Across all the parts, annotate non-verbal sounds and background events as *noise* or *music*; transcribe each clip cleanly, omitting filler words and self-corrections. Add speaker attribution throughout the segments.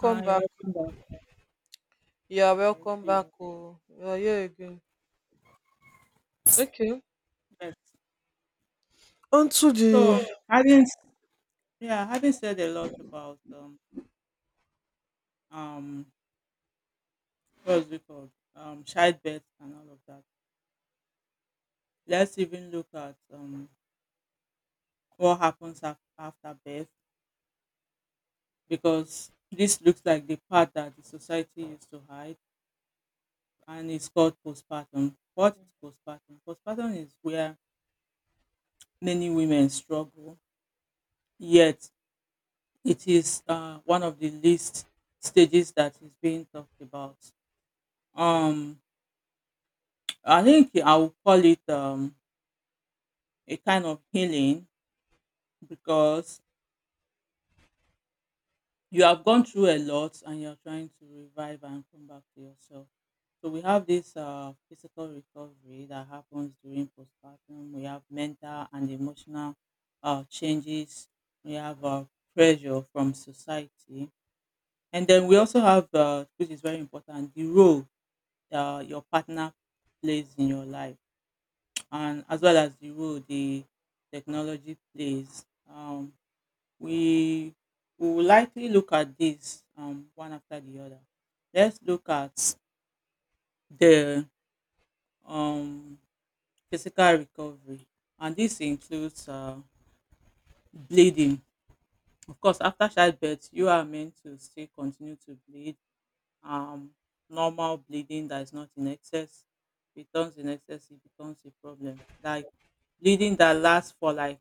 Speaker 1: Hi, welcome back. Thank you. Yes.
Speaker 2: Onto
Speaker 1: So
Speaker 2: the
Speaker 1: having yeah, having said a lot about um what's it called? Childbirth and all of that. Let's even look at what happens after birth because this looks like the part that the society used to hide, and it's called postpartum. What is postpartum? Postpartum is where many women struggle, yet it is one of the least stages that is being talked about. Um I think I would call it a kind of healing because you have gone through a lot and you're trying to revive and come back to yourself. So we have this physical recovery that happens during postpartum. We have mental and emotional changes. We have pressure from society, and then we also have, which is very important, the role your partner plays in your life, and as well as the role the technology plays. We we will likely look at this one after the other. Let's look at the um, physical recovery, and this includes bleeding. Of course, after childbirth, you are meant to still continue to bleed. Um, Normal bleeding that is not in excess becomes in excess, it becomes a problem. Like bleeding that lasts for like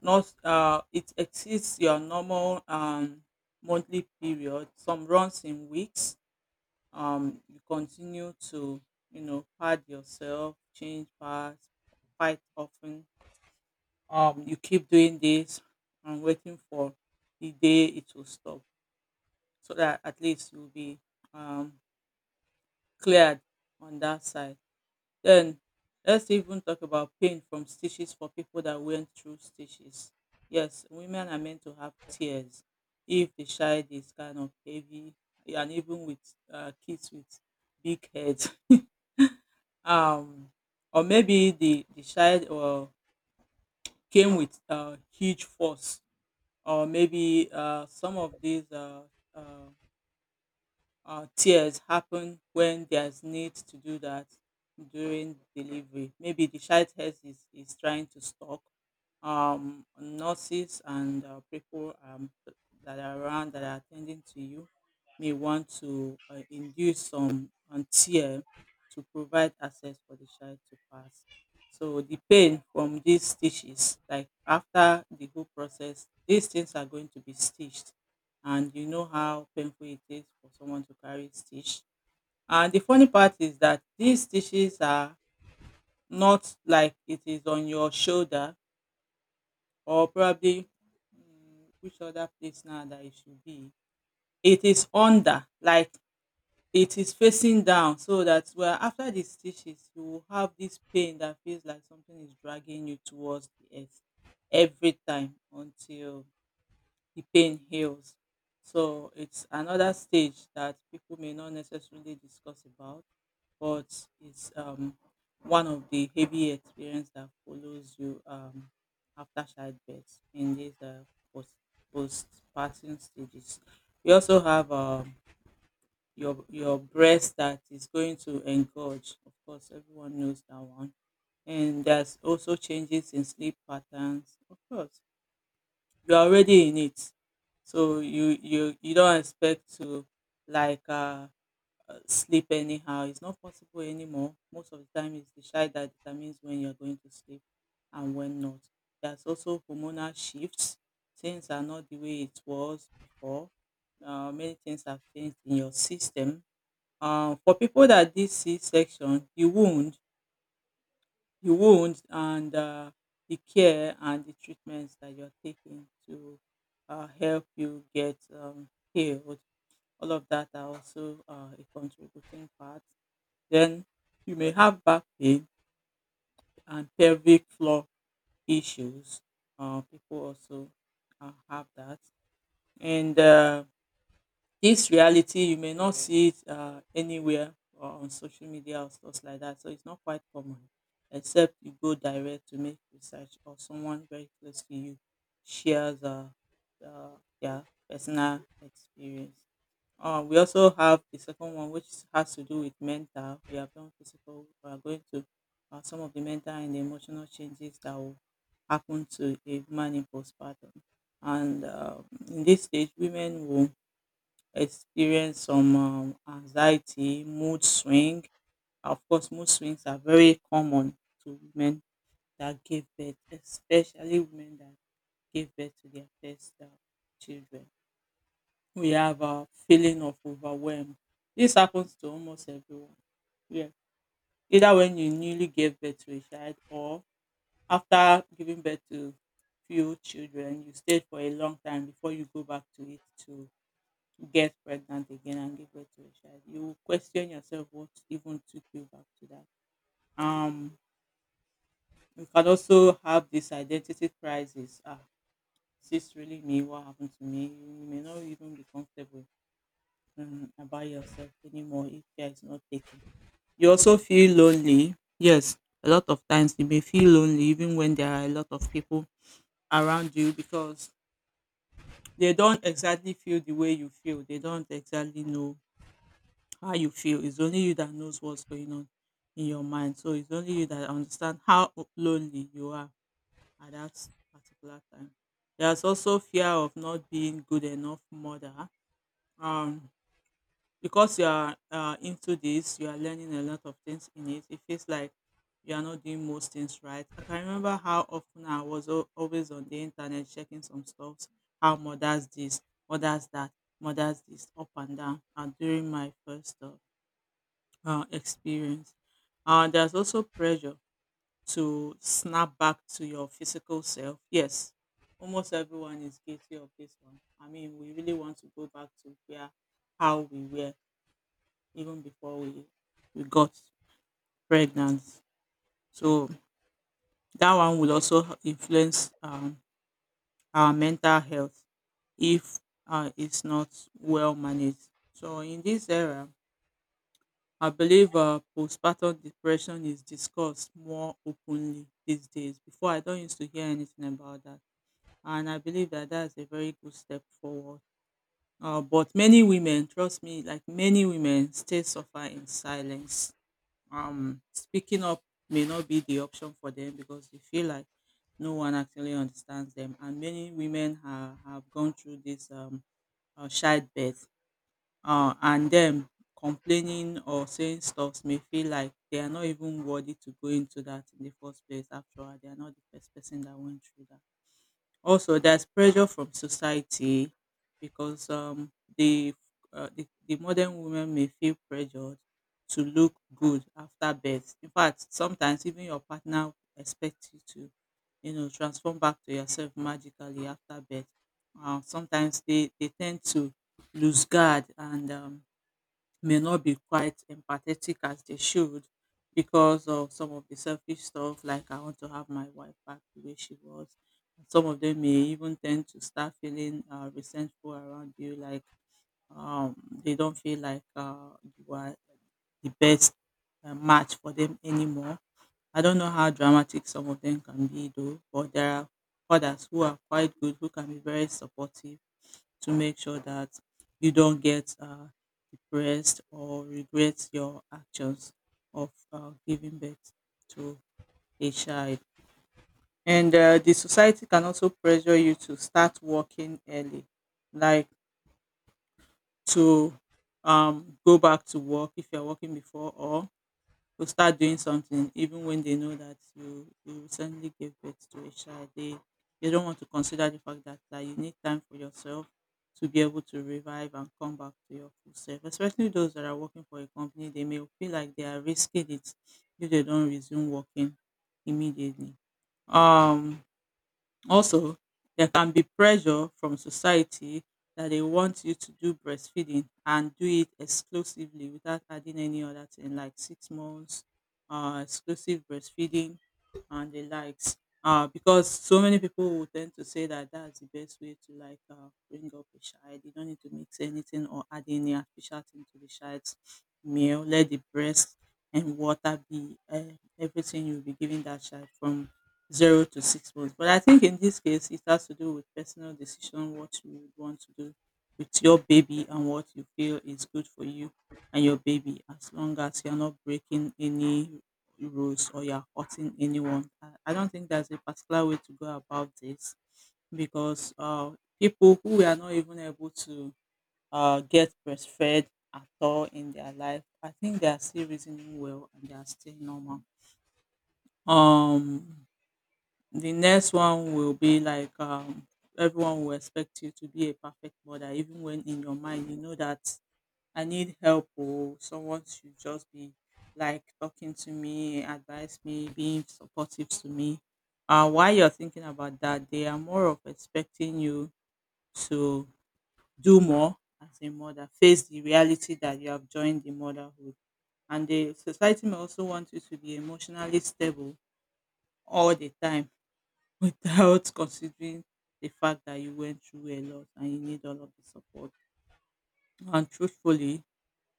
Speaker 1: not it exceeds your normal monthly period. Some runs in weeks. You continue to you know pad yourself, change pads quite often. You keep doing this and waiting for the day it will stop, so that at least you'll be um, cleared on that side. Then let's even talk about pain from stitches for people that went through stitches. Yes, women are meant to have tears if the child is kind of heavy, and even with kids with big heads. *laughs* Um, or maybe the child came with huge force, or maybe some of these uh, tears happen when there's need to do that during delivery. Maybe the child health is trying to stock. Nurses and people that are around that are attending to you may want to induce some tear to provide access for the child to pass. So the pain from these stitches, like after the whole process, these things are going to be stitched, and you know how painful it is for someone to carry stitch. And the funny part is that these stitches are not like it is on your shoulder, or probably which other place now that it should be. It is under, like it is facing down, so that well after the stitches you will have this pain that feels like something is dragging you towards the earth every time until the pain heals. So it's another stage that people may not necessarily discuss about, but it's one of the heavy experience that follows you after childbirth in these post postpartum stages. We also have your breast that is going to engorge. Of course, everyone knows that one. And there's also changes in sleep patterns. Of course, you're already in it, so you don't expect to like sleep anyhow. It's not possible anymore. Most of the time it's the child that determines when you're going to sleep and when not. There's also hormonal shifts. Things are not the way it was before. Many things have changed in your system. For people that did c-section, the wound, the wound and the care and the treatments that you're taking to help you get healed. All of that are also a contributing part. Then you may have back pain and pelvic floor issues. People also have that. And This reality you may not see it anywhere or on social media or stuff like that. So it's not quite common, except you go direct to make research or someone very close to you shares uh, their personal experience. We also have the second one, which has to do with mental. We have done physical. We are going to some of the mental and emotional changes that will happen to a woman in postpartum. And In this stage, women will experience some anxiety, mood swing. Of course, mood swings are very common to women that give birth, especially women that give birth to their first children. We have a feeling of overwhelm. This happens to almost everyone. Yeah, either when you newly gave birth to a child or after giving birth to few children, you stayed for a long time before you go back to it to get pregnant again and give birth to a child, you will question yourself what even took you back to that. Um, you can also have this identity crisis. Ah, is this really me? What happened to me? You may not even be comfortable about yourself anymore if care is not taken. You also feel lonely. Yes, a lot of times you may feel lonely even when there are a lot of people around you, because they don't exactly feel the way you feel. They don't exactly know how you feel. It's only you that knows what's going on in your mind. So it's only you that understand how lonely you are at that particular time. There's also fear of not being good enough mother. Um, because you are into this, you are learning a lot of things in it. It feels like you are not doing most things right. I can remember how often I was always on the internet checking some stuff, how mothers this, mothers that, mothers this, up and down. And during my first experience. There's also pressure to snap back to your physical self. Yes, almost everyone is guilty of this one. I mean, we really want to go back to where how we were even before we got pregnant. So that one will also influence our mental health if it's not well managed. So in this era, I believe postpartum depression is discussed more openly these days. Before, I don't used to hear anything about that. And I believe that that's a very good step forward. But many women, trust me, like many women, still suffer in silence. Speaking up may not be the option for them because they feel like no one actually understands them. And many women have gone through this childbirth, and them complaining or saying stuffs may feel like they are not even worthy to go into that in the first place. After all, they are not the first person that went through that. Also, there's pressure from society because the, the modern women may feel pressured to look good after birth. In fact, sometimes even your partner expects you to, you know, transform back to yourself magically after birth. Sometimes they tend to lose guard, and may not be quite empathetic as they should, because of some of the selfish stuff like I want to have my wife back the way she was. Some of them may even tend to start feeling resentful around you, like um, they don't feel like you are the best match for them anymore. I don't know how dramatic some of them can be though, but there are others who are quite good, who can be very supportive, to make sure that you don't get depressed or regret your actions of giving birth to a child. And The society can also pressure you to start working early, like to go back to work if you're working before, or will start doing something even when they know that you recently gave birth to a child. They don't want to consider the fact that, that you need time for yourself to be able to revive and come back to your full self, especially those that are working for a company. They may feel like they are risking it if they don't resume working immediately. um Also, there can be pressure from society that they want you to do breastfeeding and do it exclusively without adding any other thing, like 6 months, exclusive breastfeeding, and the likes. Because so many people will tend to say that that's the best way to like bring up a child. You don't need to mix anything or add any artificial thing to the child's meal. Let the breast and water be everything you'll be giving that child from 0 to 6 months. But I think in this case, it has to do with personal decision, what you would want to do with your baby and what you feel is good for you and your baby, as long as you're not breaking any rules or you're hurting anyone. I don't think there's a particular way to go about this, because people who were not even able to get breastfed at all in their life, I think they are still reasoning well and they are still normal. Um, the next one will be like everyone will expect you to be a perfect mother, even when in your mind you know that I need help, or someone should just be like talking to me, advise me, being supportive to me. While you're thinking about that, they are more of expecting you to do more as a mother, face the reality that you have joined the motherhood. And the society may also want you to be emotionally stable all the time *laughs* without considering the fact that you went through a lot and you need all of the support. And truthfully,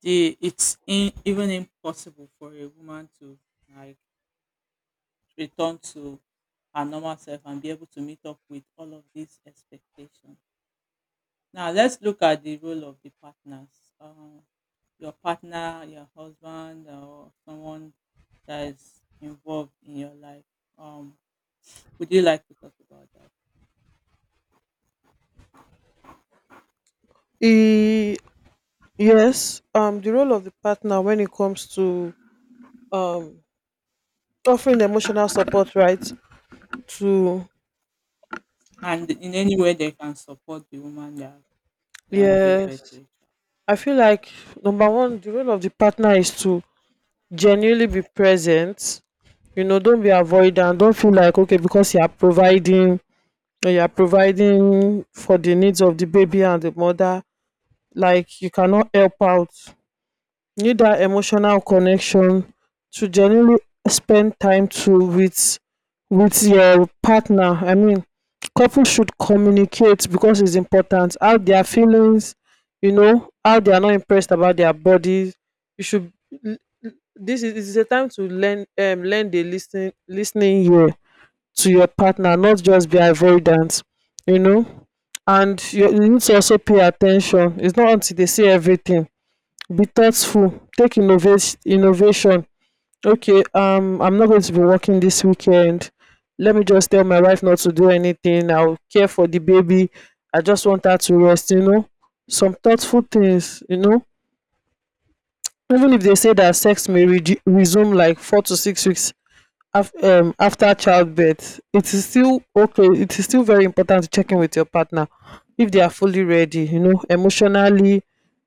Speaker 1: it's even impossible for a woman to like return to her normal self and be able to meet up with all of these expectations. Now, let's look at the role of the partners. Your partner, your husband, or someone that is involved in your life. Um, would you like to talk about that?
Speaker 2: e- yes, the role of the partner when it comes to um offering emotional support, right? To
Speaker 1: And in any way they can support the woman that gave birth to a
Speaker 2: yes,
Speaker 1: child.
Speaker 2: I feel like number one, the role of the partner is to genuinely be present. You know, don't be avoidant. Don't feel like okay because you are providing, or you are providing for the needs of the baby and the mother. Like you cannot help out. Need that emotional connection to genuinely spend time to with your partner. I mean, couples should communicate because it's important. How their feelings, you know, how they are not impressed about their bodies. You should. This is a time to learn learn the listening ear to your partner, not just be avoidant, you know. And you need to also pay attention. It's not until they say everything. Be thoughtful, take innovate innovation. Okay, I'm not going to be working this weekend. Let me just tell my wife not to do anything. I'll care for the baby. I just want her to rest, you know, some thoughtful things, you know. Even if they say that sex may resume like 4 to 6 weeks after childbirth, it is still okay. It is still very important to check in with your partner if they are fully ready, you know, emotionally,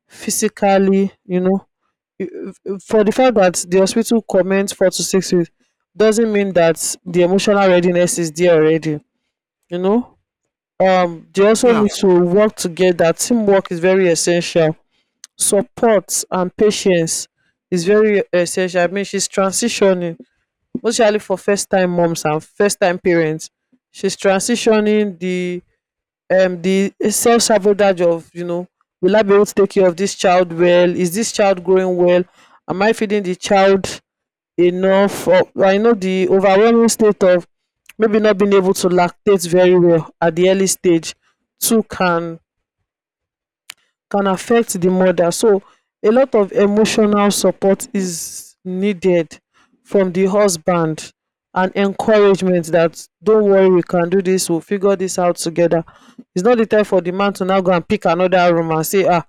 Speaker 2: physically, you know. For the fact that the hospital comments 4 to 6 weeks doesn't mean that the emotional readiness is there already. You know, they also
Speaker 1: Yeah.
Speaker 2: need to work together. Teamwork is very essential. Support and patience is very essential. I mean, she's transitioning, mostly for first time moms and first time parents. She's transitioning the self sabotage of, you know, will I be able to take care of this child well? Is this child growing well? Am I feeding the child enough of? I know the overwhelming state of maybe not being able to lactate very well at the early stage too can affect the mother. So a lot of emotional support is needed from the husband and encouragement that don't worry, we can do this, we'll figure this out together. It's not the time for the man to now go and pick another room and say, ah,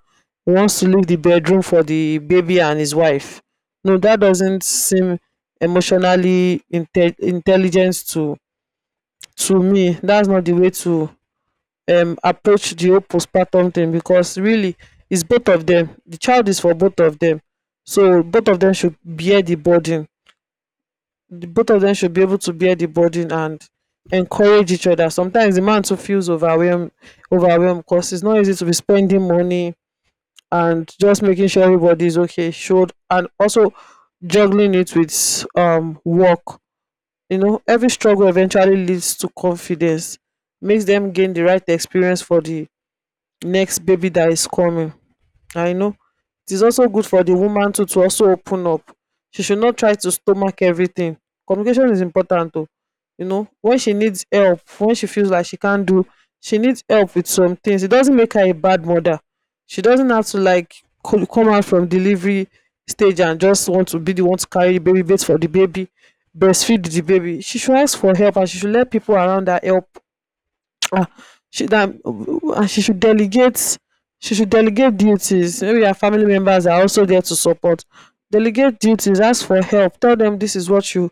Speaker 2: he wants to leave the bedroom for the baby and his wife. No, that doesn't seem emotionally intelligent to me. That's not the way to approach the whole postpartum thing because really it's both of them. The child is for both of them. So both of them should bear the burden. The- Both of them should be able to bear the burden and encourage each other. Sometimes the man too feels overwhelmed because it's not easy to be spending money and just making sure everybody is okay, showed, and also juggling it with work. You know, every struggle eventually leads to confidence, makes them gain the right experience for the next baby that is coming. I know. It is also good for the woman too to also open up. She should not try to stomach everything. Communication is important too. You know, when she needs help, when she feels like she can't do, she needs help with some things. It doesn't make her a bad mother. She doesn't have to like come out from delivery stage and just want to be the one to carry the baby, bait for the baby, breastfeed the baby. She should ask for help and she should let people around her help. Ah, she that, and she should delegate duties. Maybe her family members are also there to support. Delegate duties, ask for help, tell them this is what you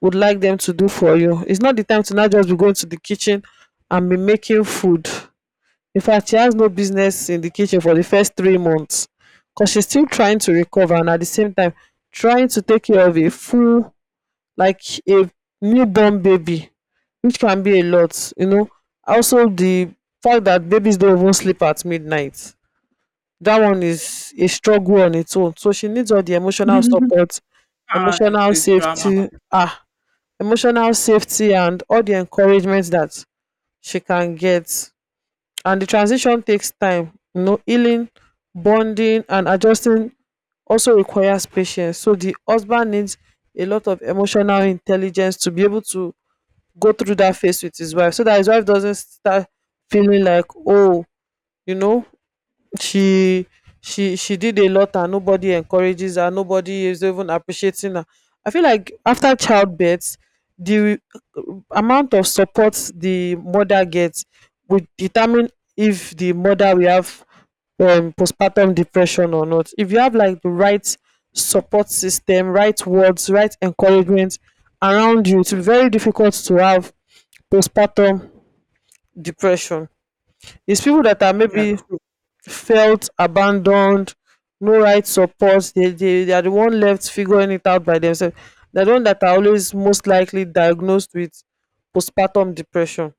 Speaker 2: would like them to do for you. It's not the time to now just be going to the kitchen and be making food. In fact, she has no business in the kitchen for the first 3 months because she's still trying to recover and at the same time trying to take care of a full, like, a newborn baby, which can be a lot, you know. Also the fact that babies don't even sleep at midnight, that one is a struggle on its own, so she needs all the emotional
Speaker 1: *laughs*
Speaker 2: support,
Speaker 1: Ah, it's
Speaker 2: emotional
Speaker 1: a drama.
Speaker 2: safety, ah, emotional safety and all the encouragement that she can get. And the transition takes time, you know. Healing, bonding, and adjusting also requires patience, so the husband needs a lot of emotional intelligence to be able to go through that phase with his wife so that his wife doesn't start feeling like, oh, you know, she she did a lot and nobody encourages her, nobody is even appreciating her. I feel like after childbirth, the amount of support the mother gets will determine if the mother will have postpartum depression or not. If you have like the right support system, right words, right encouragement around you, it's very difficult to have postpartum depression. Is people that are
Speaker 1: Yeah,
Speaker 2: maybe
Speaker 1: true.
Speaker 2: felt abandoned, no right support. They are the one left figuring it out by themselves. They're the one that are always most likely diagnosed with postpartum depression.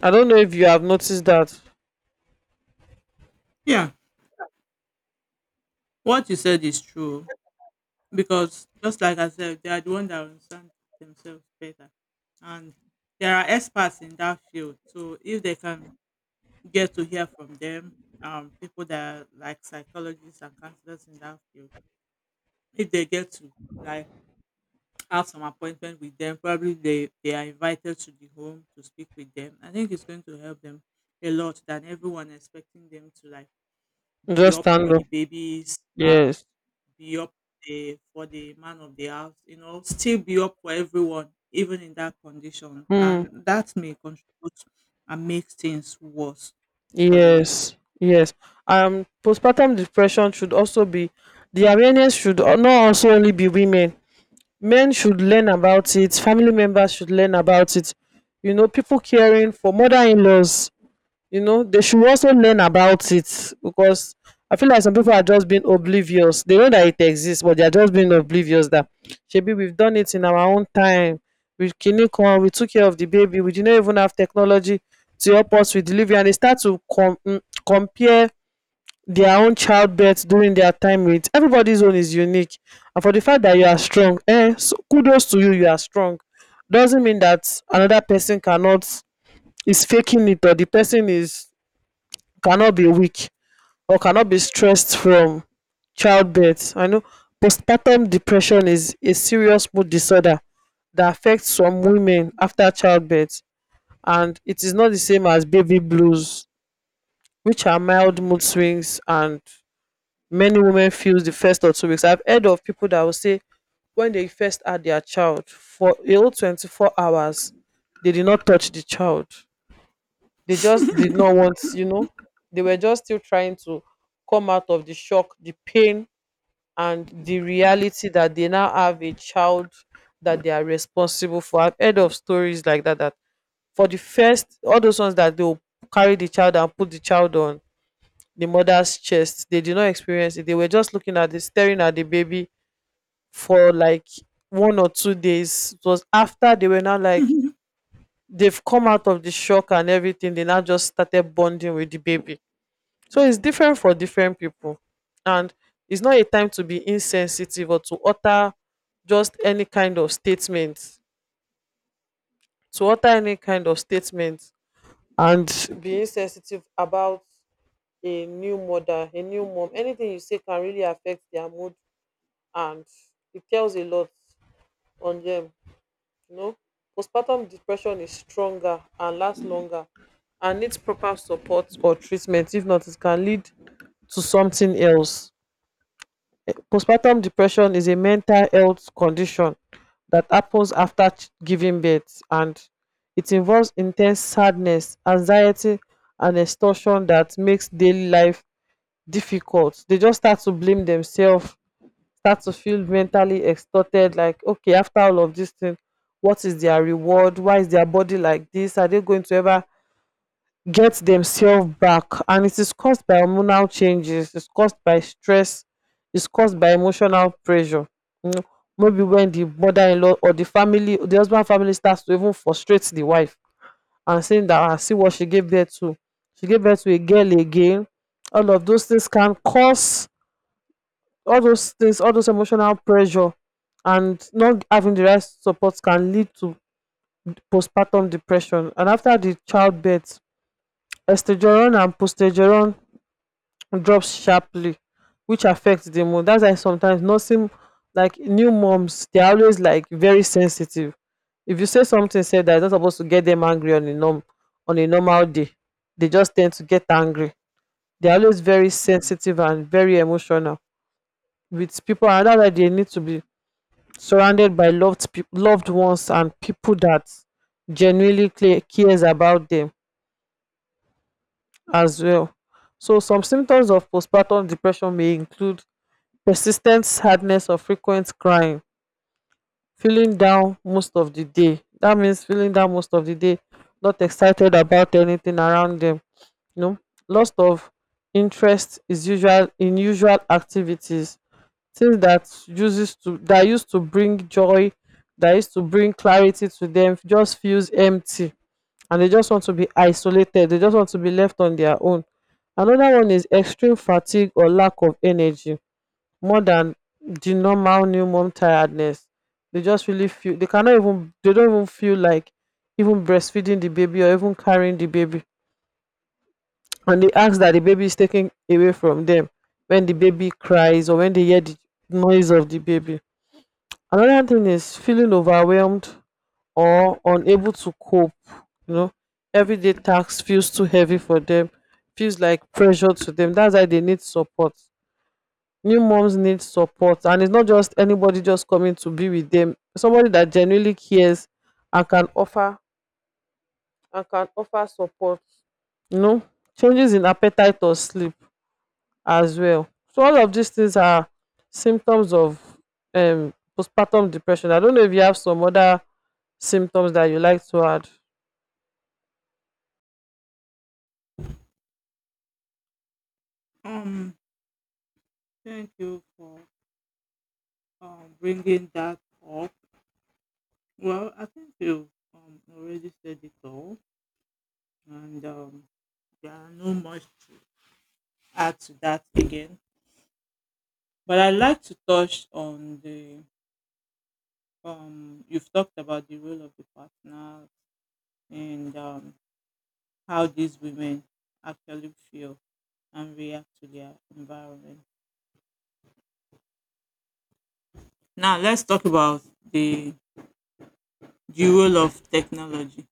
Speaker 2: I don't know if you have noticed that.
Speaker 1: Yeah, what you said is true, because just like I said, they are the ones that understand themselves better, and there are experts in that field. So if they can get to hear from them, people that are like psychologists and counselors in that field, if they get to like have some appointment with them. Probably they are invited to the home to speak with them. I think it's going to help them a lot than everyone expecting them to like be
Speaker 2: Just
Speaker 1: up
Speaker 2: stand
Speaker 1: for
Speaker 2: up.
Speaker 1: the babies,
Speaker 2: Yes.
Speaker 1: be up for the man of the house, you know, still be up for everyone, even in that condition.
Speaker 2: Hmm.
Speaker 1: And that may contribute and make things worse for the woman.
Speaker 2: Yes. Yes. Postpartum depression should also be the awareness should not also only be women. Men should learn about it, family members should learn about it, you know, people caring for mother-in-laws, you know, they should also learn about it because I feel like some people are just being oblivious. They know that it exists but they are just being oblivious. That shebi we've done it in our own time, we kini kan we took care of the baby, we did not even have technology to help us with delivery. And they start to compare their own childbirth during their time with everybody's. Own is unique, and for the fact that you are
Speaker 1: Hmm,
Speaker 2: strong, eh, so kudos to you, you are strong, doesn't mean that
Speaker 1: hmm,
Speaker 2: another person cannot, is faking it, or the person is cannot be weak or cannot be stressed from childbirth. I know postpartum depression is a serious mood disorder that affects some women after childbirth, and it is not the same as baby blues, which are
Speaker 1: *laughs*
Speaker 2: mild mood
Speaker 1: hmm.
Speaker 2: swings, and many women feels the first or 2 weeks. I've heard of people that will say when they first had their child for a whole 24 hours, they did not touch the child. They just did
Speaker 1: *laughs*
Speaker 2: not want, you know, they were just still trying to come out of the shock, the pain, and the
Speaker 1: Hmm,
Speaker 2: reality that they now have a child that they are responsible for. I've heard of stories like that, that for the first, all those ones that they will carry the child and put the child on the mother's chest. They did not experience it. They were just looking at the staring at the baby for like 1 or 2 days. It was after they were now like
Speaker 1: hmm,
Speaker 2: they've come out of the shock and everything. They now just started bonding with the baby. So it's different for different people, and it's not a time to be insensitive or to utter just any kind of statement. To utter any kind of statement and be insensitive about a new mother, a new mom. Anything you say can really affect their mood, and it tells a lot on them, you know. Postpartum depression is stronger and lasts longer and needs proper support or treatment. If not, it can lead to something else. Postpartum depression is a mental health condition that happens after giving birth, and it involves intense sadness, anxiety, and exhaustion that makes daily life difficult. They just start to blame themselves, start to feel mentally extorted like, okay, after all of this thing, what is their reward, why is their body like this, are they going to ever get themselves back? And it is caused by hormonal changes, it's caused by stress, it's caused by emotional pressure, you know, maybe when the mother-in-law or the family, the husband family, starts to even frustrate the wife and saying that, "Ah, see what she gave birth to, she gave birth to a girl again." All of those things can cause all those things, all those emotional pressure, and not having the right support can lead to postpartum depression. And after the childbirth, estrogen and progesterone drops sharply, which affects the mood. That's why sometimes nursing, like new moms, they're always like very sensitive. If you say something, say that it's not supposed to get them angry on a normal day, they just tend to get angry. They're always very
Speaker 1: hmm.
Speaker 2: sensitive and very emotional with people, and that's why they need to be surrounded by loved ones and people that genuinely cares about them as well. So some symptoms of postpartum depression may include persistent sadness or frequent crying, feeling down most of the day. That means feeling down most of the day, not excited about anything around them. You know, loss of interest is usual in usual activities, things that uses to that used to bring joy, that used to bring clarity to them, just feels empty, and they just want to be isolated, they just want to be left on their own. Another one is extreme fatigue or lack of energy more than the normal new mom tiredness. They just really feel they cannot even, they don't even feel like even breastfeeding the baby or even carrying the baby, and they ask that the baby is taken away from them when the baby cries or when they hear the noise of the baby. Another thing is feeling overwhelmed or unable to cope. You know, everyday tasks feels too heavy for them, feels like pressure to them. That's why they need support. New moms need support, and it's not just anybody just coming to be with them. Somebody that genuinely cares and can offer and can offer support. You know, changes in appetite or sleep as well. So all of these things are symptoms of postpartum depression. I don't know if you have some other symptoms that you like to add?
Speaker 1: um, Thank you for bringing that up. Well, I think you've already said it all, and there are no much to add to that again. But I'd like to touch on the you've talked about the role of the partner, and how these women actually feel and react to their environment. Now, let's talk about the the role of technology,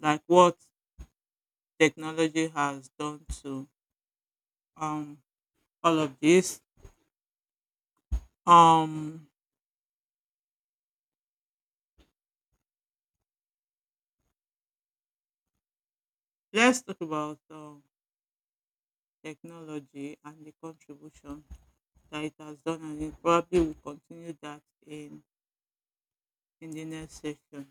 Speaker 1: like what technology has done to um, all of this. Um, let's talk about technology and the contribution that it has done, and it probably will continue that in the next session.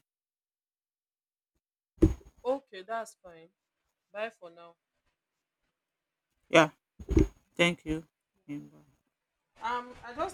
Speaker 1: Yeah, thank you. Imba.